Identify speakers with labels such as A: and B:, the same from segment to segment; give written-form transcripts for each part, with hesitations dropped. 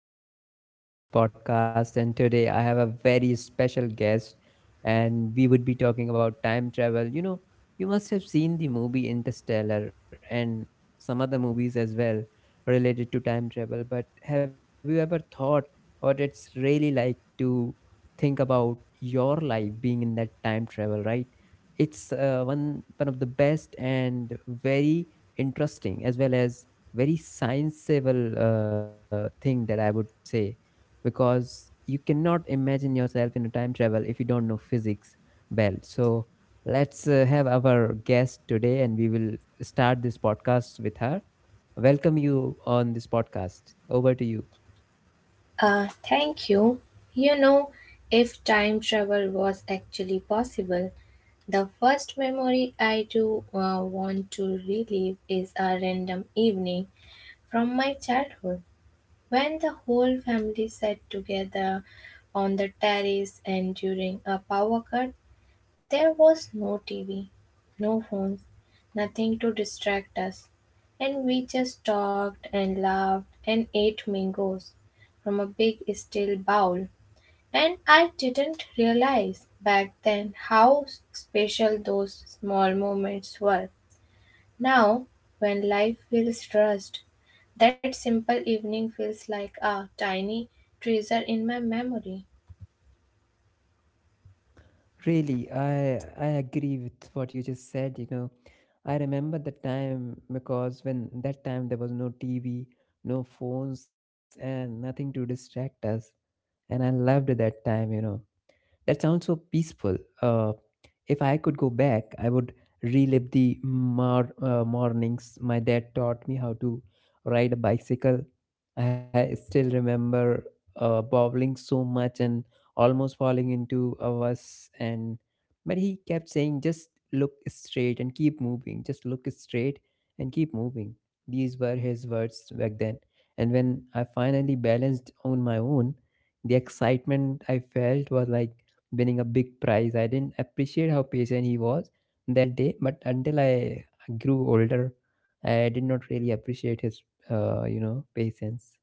A: are back with another podcast, and today I have a very special guest, and we would be talking about time travel. You know, you must have seen the movie Interstellar and some other movies as well related to time travel, but have you ever thought what it's really like to think about your life being in that time travel, right? It's one of the best and very interesting as well as very sensible thing that I would say because you cannot imagine yourself in a time travel if you don't know physics well. So let's have our guest today and we will start this podcast with her. Welcome you on this podcast. Over to you.
B: Thank you. You know, if time travel was actually possible, the first memory I do want to relive is a random evening from my childhood when the whole family sat together on the terrace and during a power cut. There was no TV, no phones, nothing to distract us, and we just talked and laughed and ate mangoes from a big steel bowl. And I didn't realize back then how special those small moments were. Now, when life feels rushed, that simple evening feels like a tiny treasure in my memory.
A: Really, I agree with what you just said, you know. I remember the time because when that time there was no TV, no phones and nothing to distract us and I loved that time, you know. That sounds so peaceful. If I could go back, I would relive the mornings my dad taught me how to ride a bicycle. I still remember bobbling so much and almost falling into a bus. And but he kept saying, "Just look straight and keep moving. Just look straight and keep moving." These were his words back then. And when I finally balanced on my own, the excitement I felt was like winning a big prize. I didn't appreciate how patient he was that day, but until I grew older, I did not really appreciate his, patience.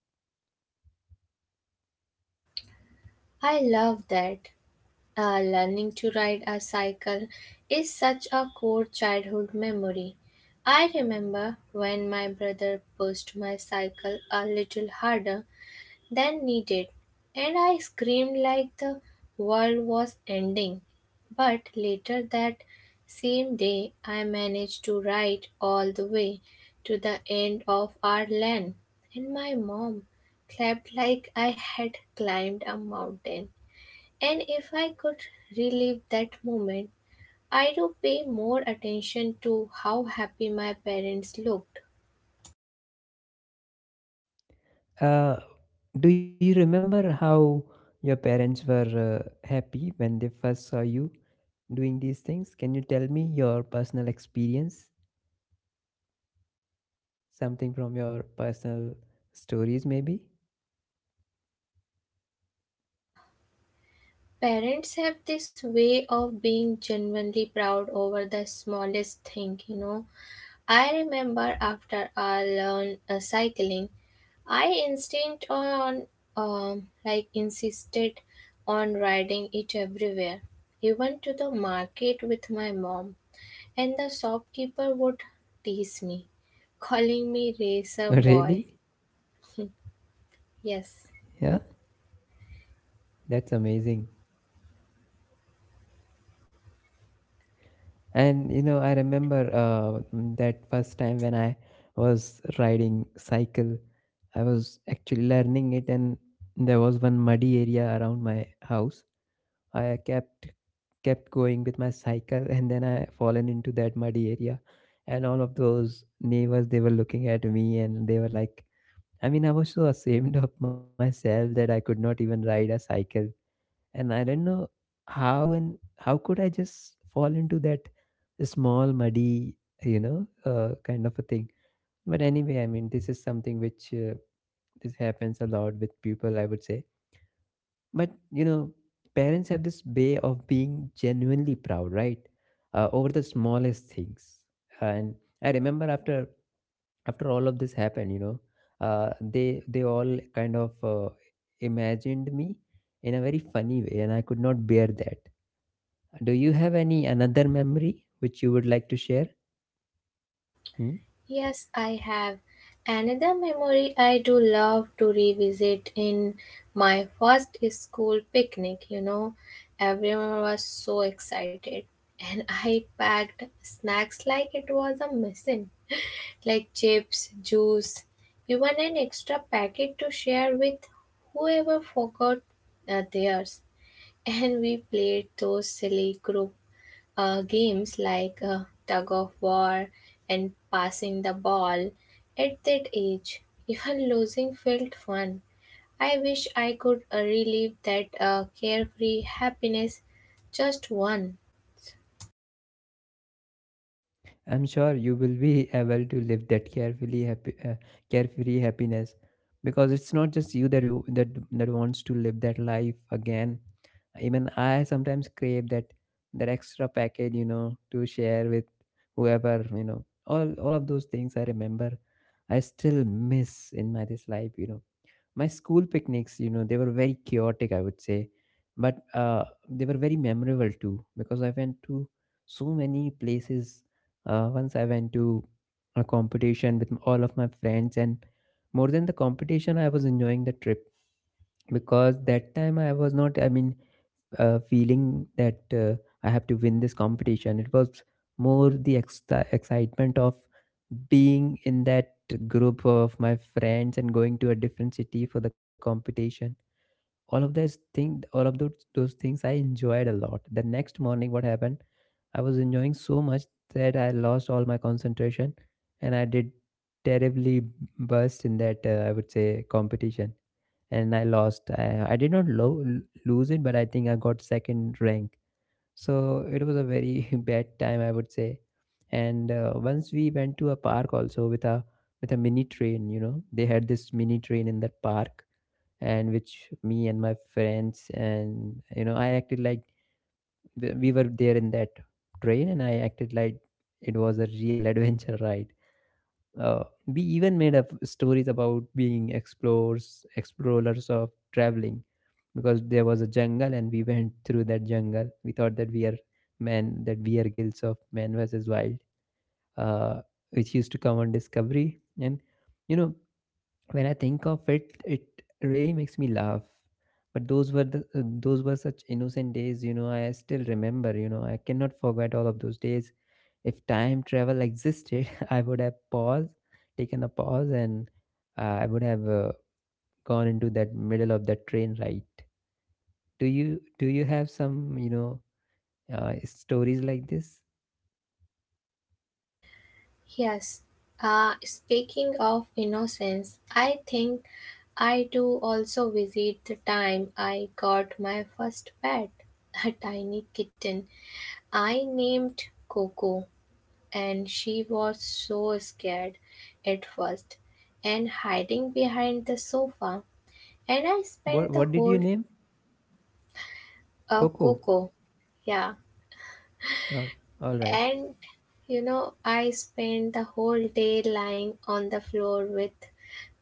B: I love that. Learning to ride a cycle is such a core childhood memory. I remember when my brother pushed my cycle a little harder than needed, and I screamed like the world was ending. But later that same day, I managed to ride all the way to the end of our lane, and my mom clapped like I had climbed a mountain. And if I could relive that moment, I would pay more attention to how happy my parents looked.
A: Uh, do you remember how your parents were happy when they first saw you doing these things? Can you tell me your personal experience? Something from your personal stories, maybe?
B: Parents have this way of being genuinely proud over the smallest thing, you know. I remember after I learned cycling, I instinct on like insisted on riding it everywhere, even to the market with my mom, and the shopkeeper would tease me calling me racer boy.
A: Really?
B: yes,
A: Yeah, that's amazing. And you know, I remember that first time when I was riding cycle, I was actually learning it, and there was one muddy area around my house. I kept going with my cycle, and then I fallen into that muddy area, and all of those neighbors they were looking at me, and they were like, I mean, I was so ashamed of myself that I could not even ride a cycle and I don't know how and how could I just fall into that small muddy, you know, kind of a thing. But anyway, I mean, this is something which this happens a lot with people, I would say. But you know, parents have this way of being genuinely proud, right, over the smallest things. And I remember after all of this happened, you know, they all kind of imagined me in a very funny way and I could not bear that. Do you have any another memory which you would like to share? Hmm?
B: yes, I have. Another memory I do love to revisit in my first school picnic, you know, everyone was so excited. And I packed snacks like it was a mission, like chips, juice, even an extra packet to share with whoever forgot theirs. And we played those silly group games like tug of war and passing the ball at that age. Even losing felt fun. I wish I could relive that carefree happiness just one.
A: I'm sure you will be able to live that carefully happy, carefree happiness, because it's not just you that wants to live that life again. Even I sometimes crave that extra package, you know, to share with whoever, you know. All of those things I remember, I still miss in my this life, you know. My school picnics, you know, they were very chaotic, I would say, but they were very memorable too, because I went to so many places. Once I went to a competition with all of my friends and more than the competition I was enjoying the trip, because that time I was not, I mean, feeling that I have to win this competition. It was more the excitement of being in that group of my friends and going to a different city for the competition. All of those things, all of those things, I enjoyed a lot. The next morning, what happened? I was enjoying so much that I lost all my concentration and I did terribly burst in that, I would say, competition and I lost. I did not lose it, but I think I got second rank. So it was a very bad time, I would say. And once we went to a park also with a mini train. You know, they had this mini train in that park, and which me and my friends and, you know, I acted like we were there in that train, and I acted like it was a real adventure ride. We even made up stories about being explorers, explorers of traveling because there was a jungle and we went through that jungle. We thought that we are men, that we are guilds of Man versus Wild, uh, which used to come on Discovery. And you know, when I think of it, it really makes me laugh. But those were the, those were such innocent days, you know. I still remember, you know, I cannot forget all of those days. If time travel existed, I would have paused, taken a pause, and I would have gone into that middle of that train ride. Do you have some, you know, stories like this?
B: Yes. Speaking of innocence, I think I do also visit the time I got my first pet, a tiny kitten I named Coco. And she was so scared at first and hiding behind the sofa and I
A: What
B: spent the
A: did
B: whole
A: you name? Coco?
B: cocoa, yeah.
A: all, all right.
B: And you know, I spent the whole day lying on the floor with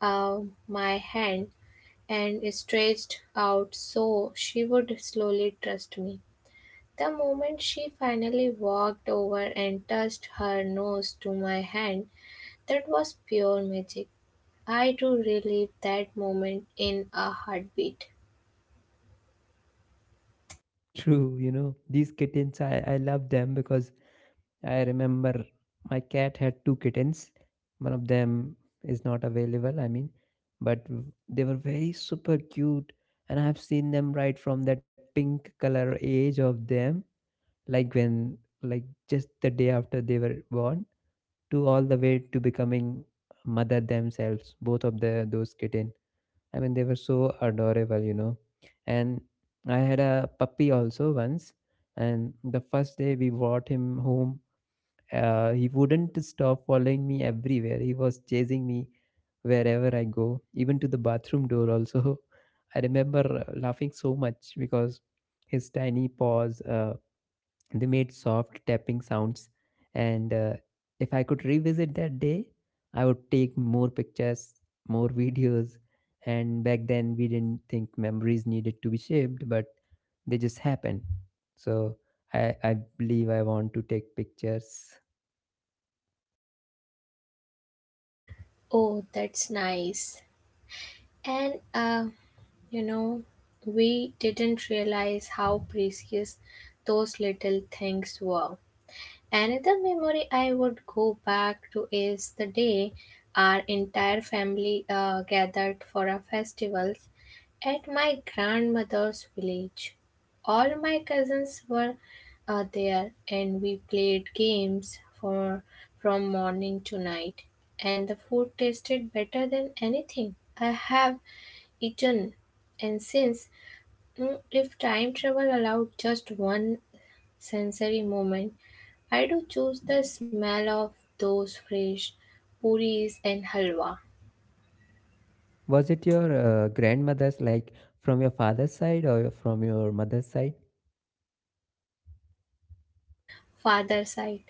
B: uh, my hand and stretched out so she would slowly trust me. The moment she finally walked over and touched her nose to my hand, that was pure magic. I do relive that moment in a heartbeat.
A: True, you know, these kittens, I love them, because I remember my cat had two kittens. One of them is not available, I mean, but they were very super cute, and I have seen them right from that pink color age of them, like when, like, just the day after they were born, to all the way to becoming mother themselves, both of the those kitten. I mean, they were so adorable, you know. And I had a puppy also once, and the first day we brought him home, he wouldn't stop following me everywhere. He was chasing me wherever I go, even to the bathroom door also. I remember laughing so much because his tiny paws, they made soft tapping sounds. And if I could revisit that day, I would take more pictures, more videos. And back then we didn't think memories needed to be shaped, but they just happen. So I believe I want to take pictures.
B: Oh, that's nice. And, you know, we didn't realize how precious those little things were. Another memory I would go back to is the day our entire family gathered for a festival at my grandmother's village. All my cousins were there, and we played games for from morning to night, and the food tasted better than anything I have eaten. and since if time travel allowed just one sensory moment, I do choose the smell of those fresh puris and halwa.
A: Was it your grandmother's, like, from your father's side or from your mother's side?
B: Father side.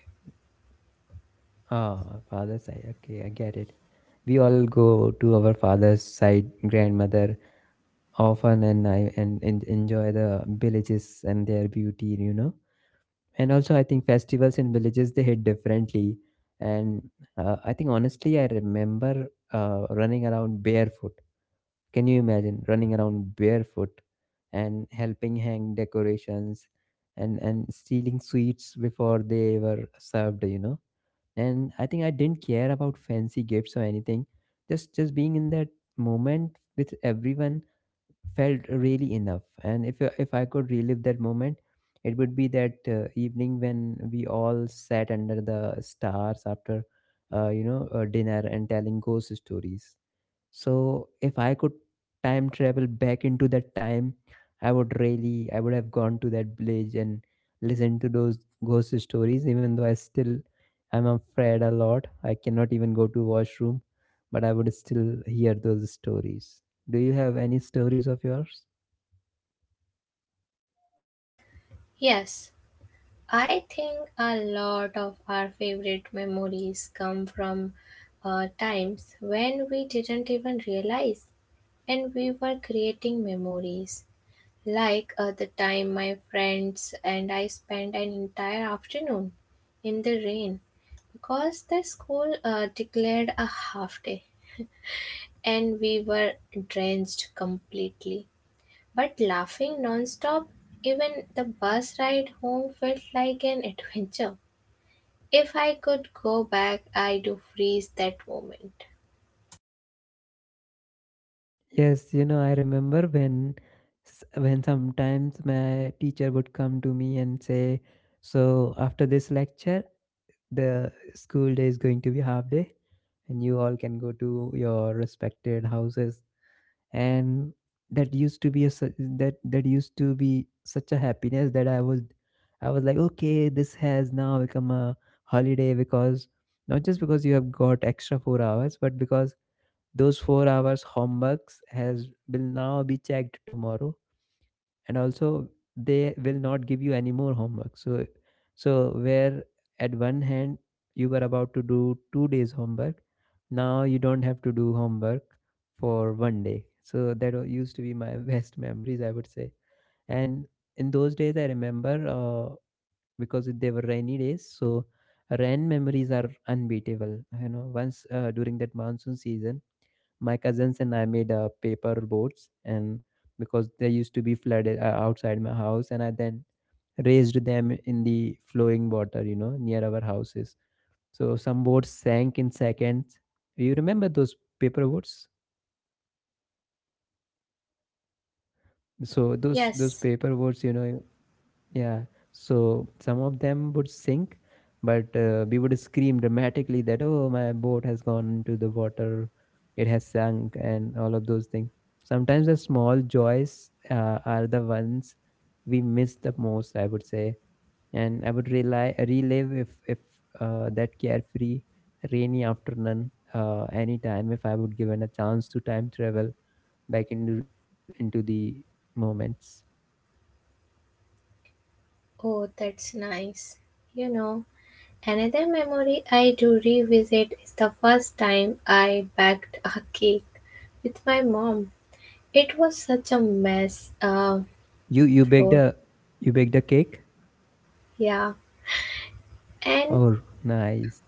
A: Ah, father's side. Okay, I get it. We all go to our father's side grandmother often, and I and enjoy the villages and their beauty, you know. And also, I think festivals in villages they hit differently. And I think honestly, I remember running around barefoot. Can you imagine running around barefoot and helping hang decorations and stealing sweets before they were served, you know? And I think I didn't care about fancy gifts or anything. Just being in that moment with everyone felt really enough. And if I could relive that moment, it would be that evening when we all sat under the stars after, dinner and telling ghost stories. So if I could time travel back into that time, I would really, I would have gone to that village and listened to those ghost stories. Even though I still, I'm afraid a lot. I cannot even go to washroom, but I would still hear those stories. Do you have any stories of yours?
B: Yes, I think a lot of our favorite memories come from times when we didn't even realize and we were creating memories. Like the time my friends and I spent an entire afternoon in the rain because the school declared a half day, and we were drenched completely but laughing non-stop. Even the bus ride home felt like an adventure. If I could go back, I do freeze that moment.
A: Yes, you know, I remember when when sometimes my teacher would come to me and say, "So after this lecture, the school day is going to be half day, and you all can go to your respected houses." And that used to be a that used to be such a happiness that I was like, "Okay, this has now become a holiday because not just because you have got extra 4 hours, but because those 4 hours homeworks has will now be checked tomorrow, and also they will not give you any more homework. So so where at one hand you were about to do two days homework, now you don't have to do homework for one day." So that used to be my best memories, I would say. And in those days I remember, because they were rainy days, so rain memories are unbeatable, you know. Once, during that monsoon season, my cousins and I made paper boats, and because they used to be flooded outside my house, and I then raised them in the flowing water, you know, near our houses. So some boats sank in seconds. You remember those paper boats? So those
B: Yes.
A: paper boats, you know, yeah, so some of them would sink, but we would scream dramatically that, oh, my boat has gone into the water, it has sunk, and all of those things. Sometimes the small joys, are the ones we miss the most, I would say. And I would relive if that carefree rainy afternoon, anytime, if I would given a chance to time travel back into the moments.
B: Oh, that's nice. You know, another memory I do revisit is the first time I baked a cake with my mom. It was such a mess,
A: You baked
B: floor.
A: you baked a cake?
B: Yeah. And
A: Oh, nice.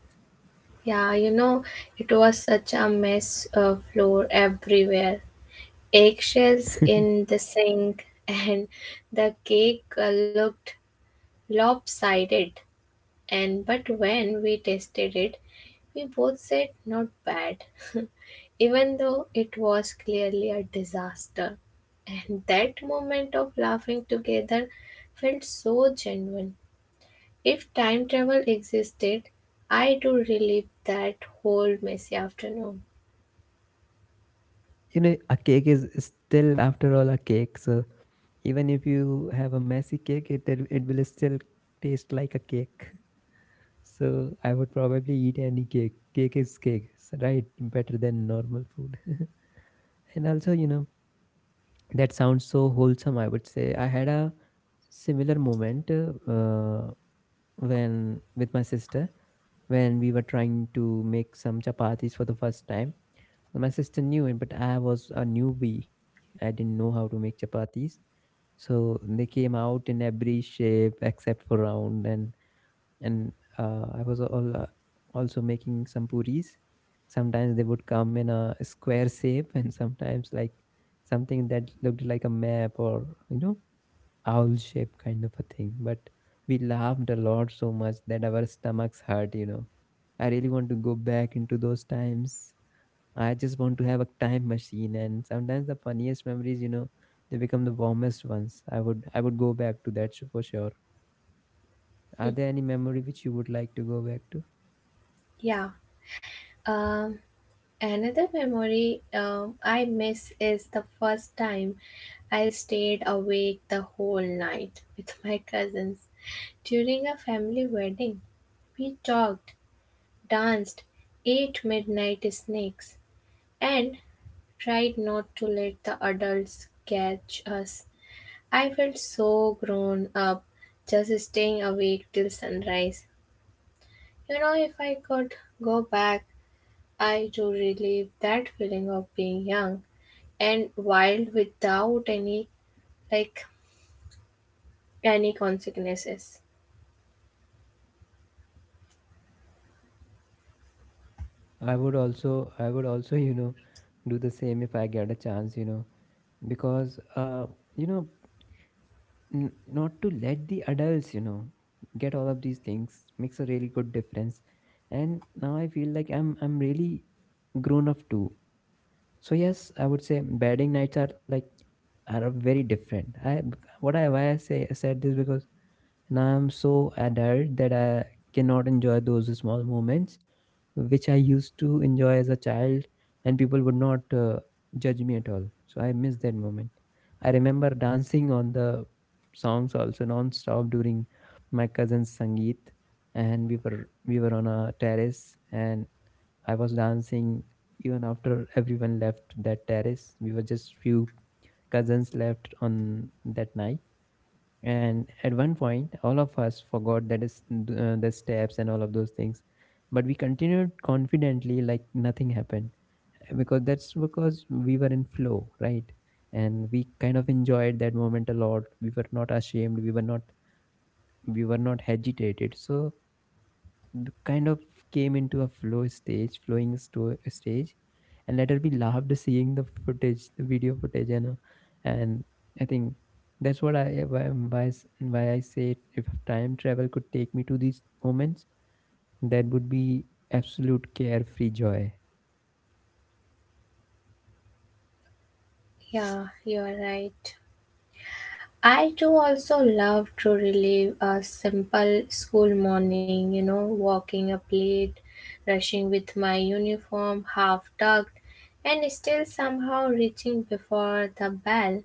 B: yeah, you know, it was such a mess, floor everywhere. Eggshells in the sink, and the cake looked lopsided. And but when we tasted it, we both said not bad, even though it was clearly a disaster. And that moment of laughing together felt so genuine. If time travel existed, I do relive that whole messy afternoon.
A: You know, a cake is still, after all, a cake. So even if you have a messy cake, it will still taste like a cake. So I would probably eat any cake. Cake is cake, so, right? Better than normal food. And also, you know, that sounds so wholesome, I would say. I had a similar moment when with my sister when we were trying to make some chapatis for the first time. My sister knew it, but I was a newbie. I didn't know how to make chapatis. So they came out in every shape except for round, and I was all, also making some puris. Sometimes they would come in a square shape, and sometimes like something that looked like a map, or you know, owl shape kind of a thing. But we laughed a lot so much that our stomachs hurt. You know, I really want to go back into those times. I just want to have a time machine, and sometimes the funniest memories, you know, they become the warmest ones. I would go back to for sure. Are there any memory which you would like to go back to?
B: Yeah. Um, Another memory I miss is the first time I stayed awake the whole night with my cousins. During a family wedding, we talked, danced, ate midnight snacks, and tried not to let the adults catch us. I felt so grown up just staying awake till sunrise. You know, if I could go back, I do relive that feeling of being young and wild without like any consequences.
A: I would also you know do the same if I get a chance, you know, because uh you know not to let the adults you know get all of these things makes a really good difference. And now I feel like I'm really grown up too. So yes, I would say bedding nights are like are very different. I what I why I say I said this because now I'm so adult that I cannot enjoy those small moments which I used to enjoy as a child, and people would not judge me at all. So I miss that moment. I remember dancing on the songs also non-stop during my cousin's sangeet, and we were on a terrace, and I was dancing even after everyone left that terrace. We were just few cousins left on that night. And at one point, all of us forgot that is the steps and all of those things. But we continued confidently like nothing happened because that's because we were in flow, right? And we kind of enjoyed that moment a lot. We were not ashamed. We were not agitated. So kind of came into a flow stage, stage, and later we loved seeing the footage, the video footage, you know. And I think that's what I why, s- why I say if time travel could take me to these moments, that would be absolute carefree joy.
B: Yeah, you are right. I too also love to relive a simple school morning, you know, walking up late, rushing with my uniform half tucked, and still somehow reaching before the bell.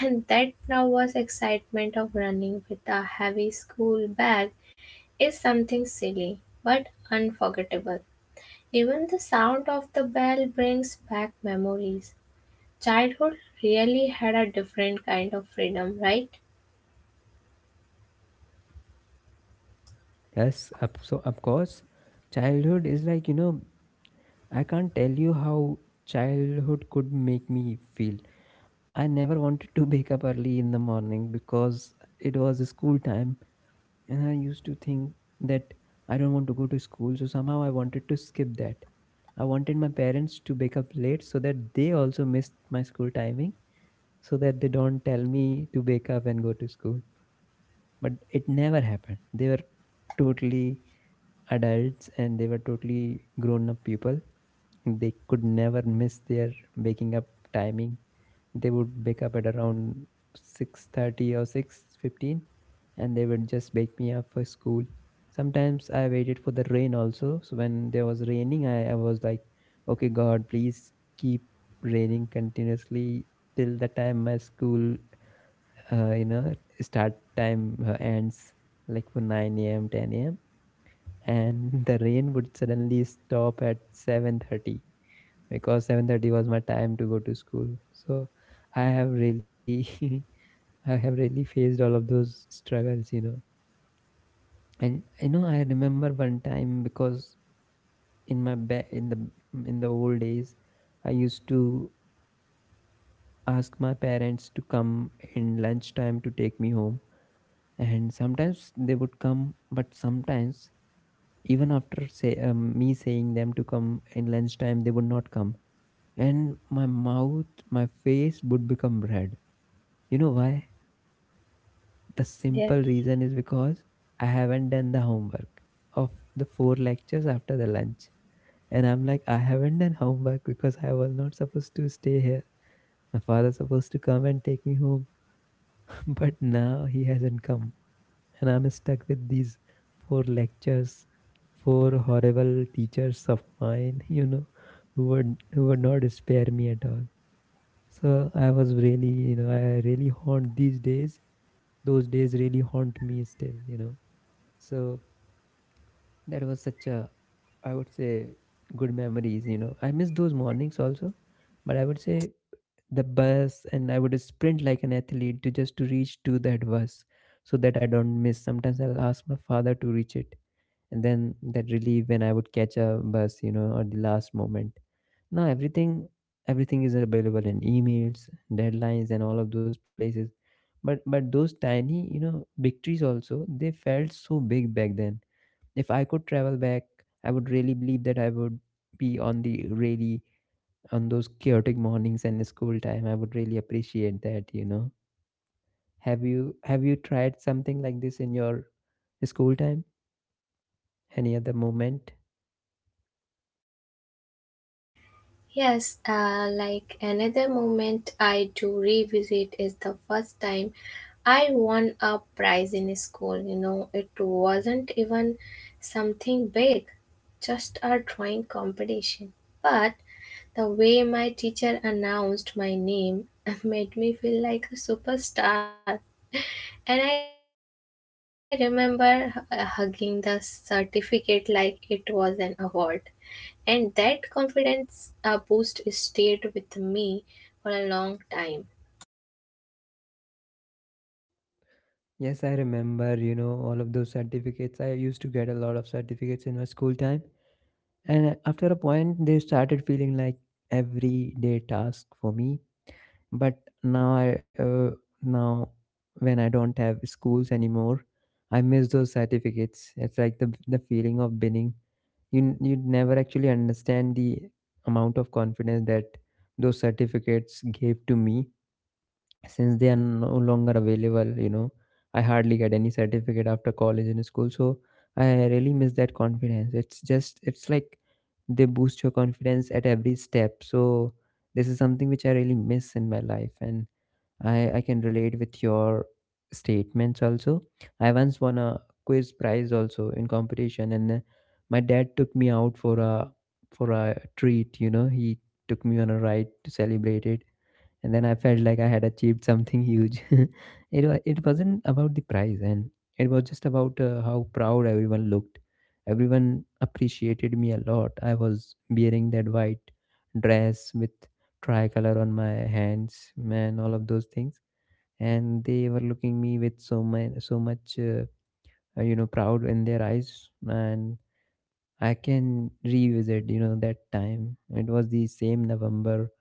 B: And that nervous excitement of running with a heavy school bag is something silly but unforgettable. Even the sound of the bell brings back memories. Childhood really had a different kind of freedom, right?
A: Yes, so of course, childhood is like you know I can't tell you how childhood could make me feel. I never wanted to wake up early in the morning because it was school time, and I used to think that I don't want to go to school, so somehow I wanted to skip that. I wanted my parents to wake up late so that they also missed my school timing, so that they don't tell me to wake up and go to school. But it never happened. They were totally adults and they were totally grown up people. They could never miss their waking up timing. They would wake up at around 6:30 or 6:15 and they would just wake me up for school. Sometimes I waited for the rain also. So when there was raining, I was like, okay, God, please keep raining continuously till the time my school, uh, you know, start time ends, like for 9 a.m., 10 a.m. And the rain would suddenly stop at 7:30 because 7:30 was my time to go to school. So I have really I have really faced all of those struggles, you know. And you know, I remember one time because in my ba- in the in the old days, I used to ask my parents to come in lunchtime to take me home, and sometimes they would come, but sometimes even after say me saying them to come in lunchtime, they would not come, and my mouth, my face would become red. You know why? The
B: Yeah.
A: simple reason is because I haven't done the homework of the four lectures after the lunch. And I'm like, I haven't done homework because I was not supposed to stay here. My father's supposed to come and take me home, but now he hasn't come. And I'm stuck with these four lectures, four horrible teachers of mine, you know, who would not spare me at all. So I was really, you know, I really haunt these days. Those days really haunt me still, you know. So that was such a, I would say, good memories, you know. I miss those mornings also, but I would say the bus and I would sprint like an athlete to just to reach to that bus so that I don't miss. Sometimes I'll ask my father to reach it. And then that relief when I would catch a bus, you know, or the last moment. Now everything is available in emails, deadlines and all of those places. But those tiny, you know, victories also, they felt so big back then. If I could travel back, I would really believe that I would be on the really on those chaotic mornings and school time. I would really appreciate that, you know. Have you tried something like this in your school time? Any other moment?
B: Yes, like another moment I do revisit is the first time I won a prize in school. You know, it wasn't even something big, just a drawing competition. But the way my teacher announced my name made me feel like a superstar. And I remember hugging the certificate like it was an award. And that confidence boost stayed with me for a long time.
A: Yes, I remember, you know, all of those certificates. I used to get a lot of certificates in my school time. And after a point, they started feeling like everyday task for me. But now i uh, now when I don't have schools anymore, I miss those certificates. It's like the feeling of winning. You never actually understand the amount of confidence that those certificates gave to me. Since they are no longer available, you know, I hardly get any certificate after college and school. So I really miss that confidence. It's just it's like they boost your confidence at every step. So this is something which I really miss in my life. And I can relate with your statements also. I once won a quiz prize also in competition, and my dad took me out for a treat. You know, he took me on a ride to celebrate it, and then I felt like I had achieved something huge. It it wasn't about the prize, and it was just about how proud everyone looked. Everyone appreciated me a lot. I was wearing that white dress with tricolor on my hands, man, all of those things, and they were looking me with so much you know proud in their eyes. And I can revisit you know that time. It was the same November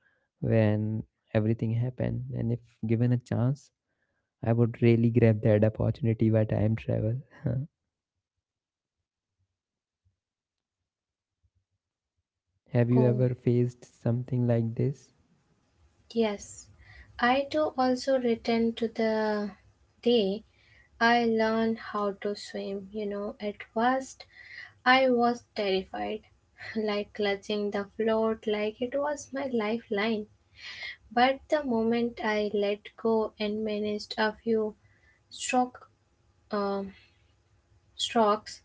A: when everything happened, and if given a chance, I would really grab that opportunity by time travel. Have you
B: Oh,
A: ever faced something like this?
B: yes. I too also return to the day I learned how to swim. You know, at first I was terrified, like clutching the float like it was my lifeline. But the moment I let go and managed a few stroke, um strokes,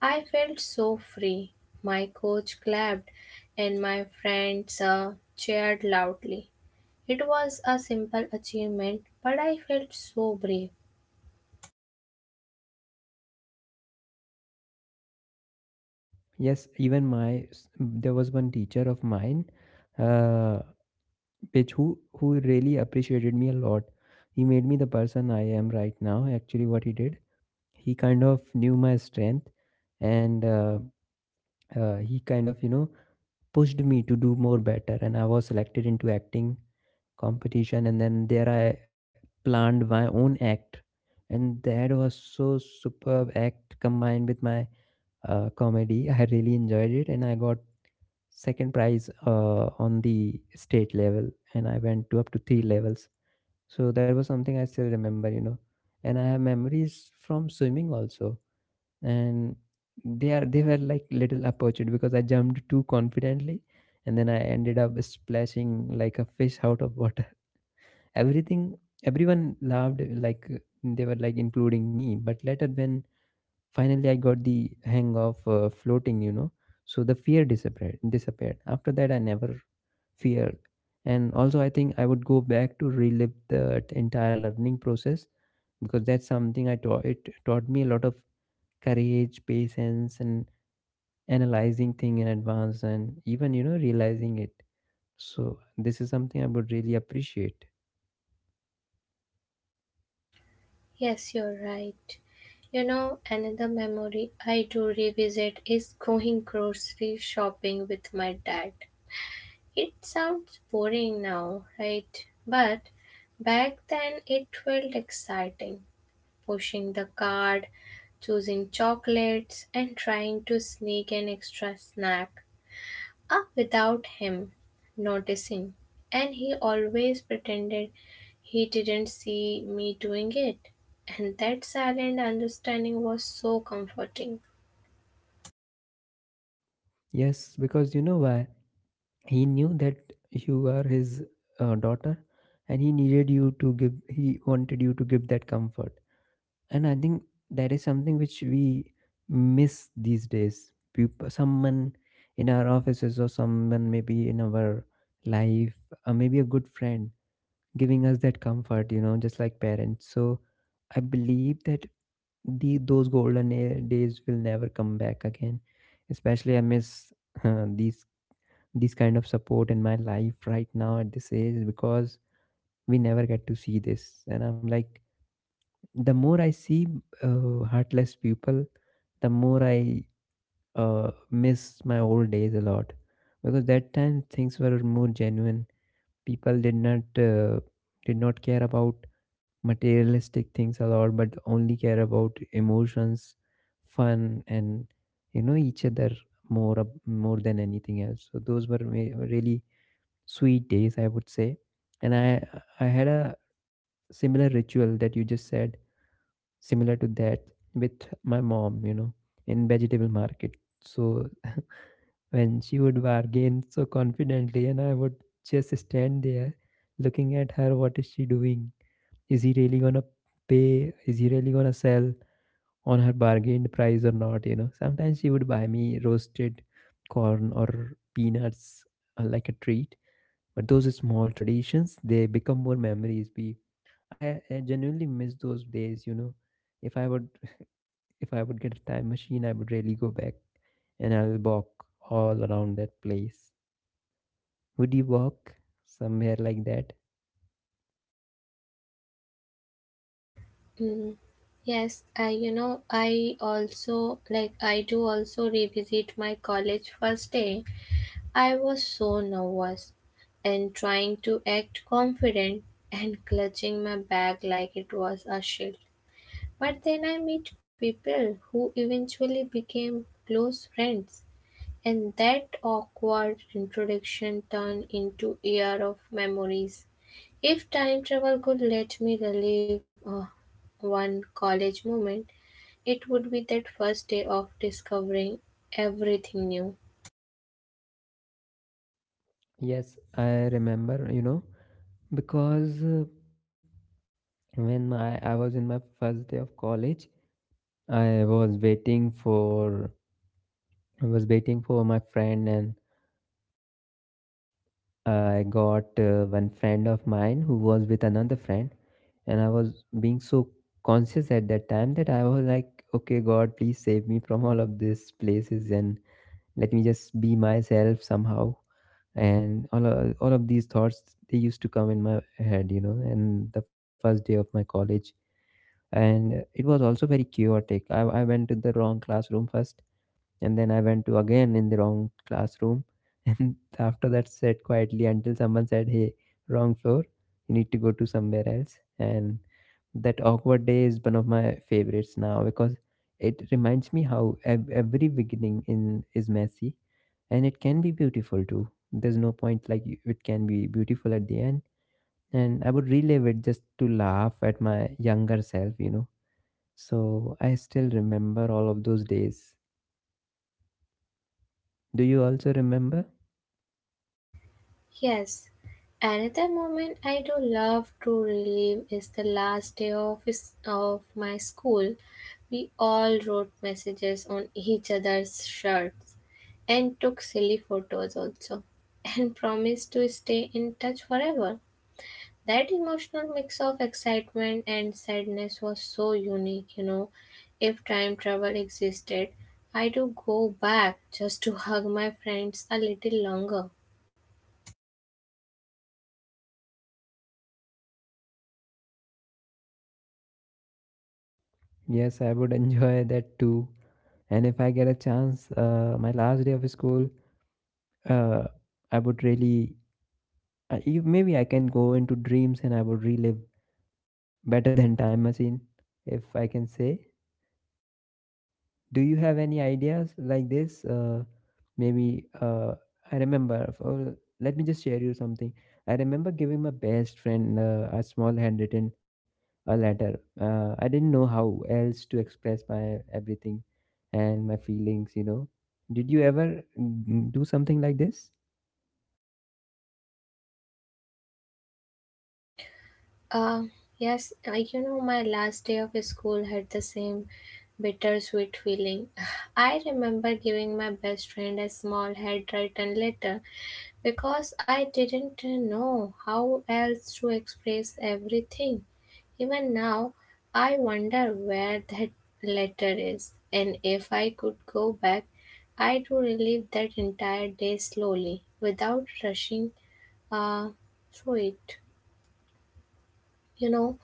B: I felt so free. My coach clapped and my friends cheered loudly. It was a simple achievement, but I felt so brave.
A: Yes, even there was one teacher of mine, uh, Pitch, who really appreciated me a lot. He made me the person I am right now. Actually, what he did, he kind of knew my strength, and he kind of you know pushed me to do more better. And I was selected into acting competition, and then there I planned my own act, and that was so superb act combined with my comedy. I really enjoyed it, and I got second prize on the state level, and I went to up to three levels. So that was something I still remember, you know. And I have memories from swimming also. And they were like little opportunity because I jumped too confidently and then I ended up splashing like a fish out of water. Everything everyone laughed like they were like including me. But later when finally, I got the hang of floating, you know, so the fear disappeared. Disappeared. After that, I never feared. And also, I think I would go back to relive that entire learning process because that's something I taught. It taught me a lot of courage, patience, and analyzing thing in advance, and even you know realizing it. So this is something I would really appreciate.
B: Yes, you're right. You know, another memory I do revisit is going grocery shopping with my dad. It sounds boring now, right? But back then, it felt exciting. Pushing the cart, choosing chocolates, and trying to sneak an extra snack up without him noticing. And he always pretended he didn't see me doing it. And that silent understanding was so comforting.
A: Yes, because you know why? He knew that you are his daughter and he needed you to give, he wanted you to give that comfort. And I think that is something which we miss these days, people, someone in our offices or someone maybe in our life, or maybe a good friend giving us that comfort, you know, just like parents. So I believe that the those golden days will never come back again. Especially I miss these, this kind of support in my life right now at this age, because we never get to see this. And I'm like, the more I see heartless people, the more I miss my old days a lot. Because that time things were more genuine, people did not care about materialistic things a lot, but only care about emotions, fun, and you know each other more more than anything else. So those were really sweet days, I would say. And I had a similar ritual that you just said, similar to that, with my mom, you know, in vegetable market. So when she would bargain so confidently, and I would just stand there looking at her, what is she doing? Is he really gonna pay? Is he really gonna sell on her bargained price or not? You know, sometimes she would buy me roasted corn or peanuts, like a treat. But those small traditions, they become more memories. I genuinely miss those days, you know. If I would If I would get a time machine, I would really go back and I'll walk all around that place. Would you walk somewhere like that?
B: Mm, yes, I you know I also like I do also revisit my college first day. I was so nervous and trying to act confident and clutching my bag like it was a shield. But then I met people who eventually became close friends, and that awkward introduction turned into a year of memories. If time travel could let me relive one college moment, it would be that first day of discovering everything new.
A: Yes, I remember, you know, because when my I was in my first day of college, i was waiting for I was waiting for my friend, and I got one friend of mine who was with another friend. And I was being so conscious at that time that I was like, okay, god, please save me from all of these places and let me just be myself somehow. And all of these thoughts, they used to come in my head, you know, and the first day of my college. And it was also very chaotic. I went to the wrong classroom first, and then I went to again in the wrong classroom. And after that, sat quietly until someone said, "Hey, wrong floor. You need to go to somewhere else." And that awkward day is one of my favorites now, because it reminds me how every beginning in is messy, and it can be beautiful too. There's no point like you- it can be beautiful at the end. And I would relive it just to laugh at my younger self, you know. So I still remember all of those days. Do you also remember?
B: Yes, another moment I do love to relive is the last day of my school. We all wrote messages on each other's shirts and took silly photos also, and promised to stay in touch forever. That emotional mix of excitement and sadness was so unique, you know. If time travel existed, I do go back just to hug my friends a little longer.
A: Yes, I would enjoy that too. And if I get a chance, my last day of school, uh, I would really, I, you- maybe I can go into dreams and I would relive better than time machine, if I can say. Do you have any ideas like this? Maybe I remember let me just share you something. I remember giving my best friend a small handwritten a letter. I didn't know how else to express my everything and my feelings, you know. Did you ever do something like this?
B: Um, yes, you know, my last day of school had the same bittersweet feeling. I remember giving my best friend a small handwritten letter because I didn't know how else to express everything. Even now, I wonder where that letter is, and if I could go back, I'd relive that entire day slowly without rushing uh, through it, you know.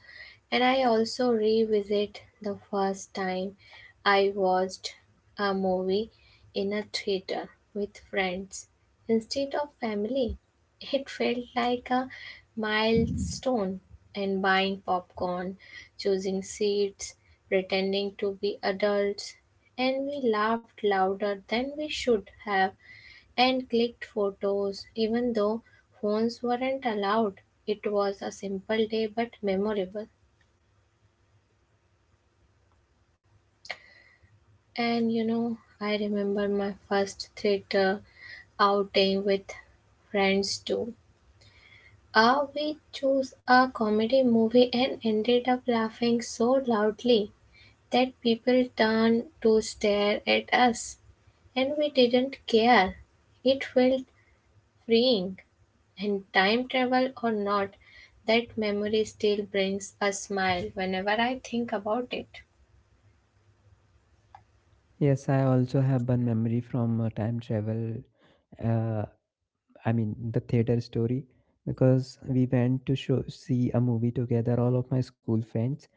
B: And I also revisit the first time I watched a movie in a theater with friends instead of family. It felt like a milestone, and buying popcorn, choosing seats, pretending to be adults, and we laughed louder than we should have and clicked photos even though phones weren't allowed. It was a simple day but memorable. And you know, I remember my first theater outing with friends too. We chose a comedy movie and ended up laughing so loudly that people turned to stare at us, and we didn't care. It felt freeing, and time travel or not, that memory still brings a smile whenever I think about it.
A: Yes, I also have one memory from time travel. Uh, I mean, the theater story, because we went to show see a movie together, all of my school friends,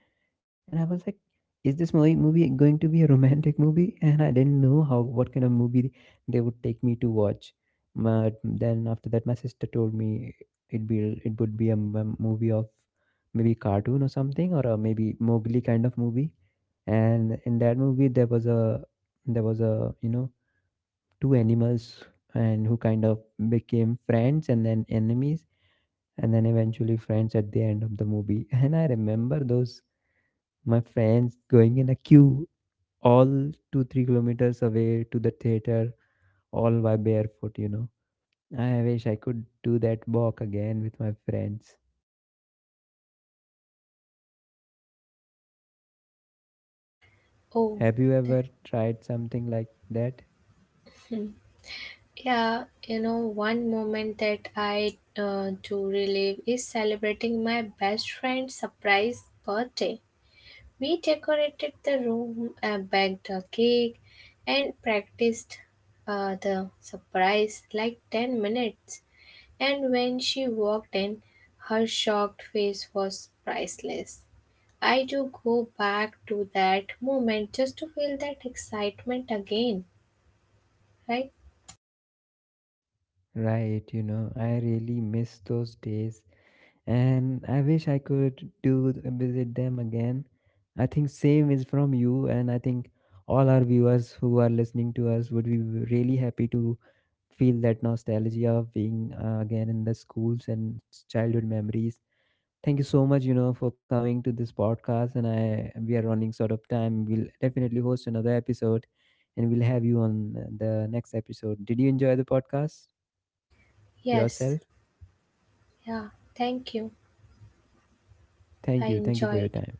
A: and I was like, "Is this movie going to be a romantic movie?" And I didn't know how, what kind of movie they would take me to watch. But then after that, my sister told me it be it would be a movie of maybe cartoon or something, or a maybe Mowgli kind of movie. And in that movie, there was, a you know, two animals and who kind of became friends and then enemies and then eventually friends at the end of the movie. And I remember those my friends going in a queue, all 2 3 kilometers away to the theater, all by barefoot, you know. I wish I could do that walk again with my friends.
B: Oh,
A: Have you
B: that-
A: ever tried something like that?
B: hmm. Yeah, you know, one moment that I do relive is celebrating my best friend's surprise birthday. We decorated the room, baked the cake, and practiced the surprise like 10 minutes. And when she walked in, her shocked face was priceless. I do go back to that moment just to feel that excitement again, right?
A: Right, you know, I really miss those days, and I wish I could do visit them again. I think same is from you, and I think all our viewers who are listening to us would be really happy to feel that nostalgia of being again in the schools and childhood memories. Thank you so much, you know, for coming to this podcast. And I we are running sort of time. We'll definitely host another episode, and we'll have you on the next episode. Did you enjoy the podcast
B: Yes,
A: yourself?
B: yeah, thank you. I
A: Thank you for
B: enjoyed
A: your time.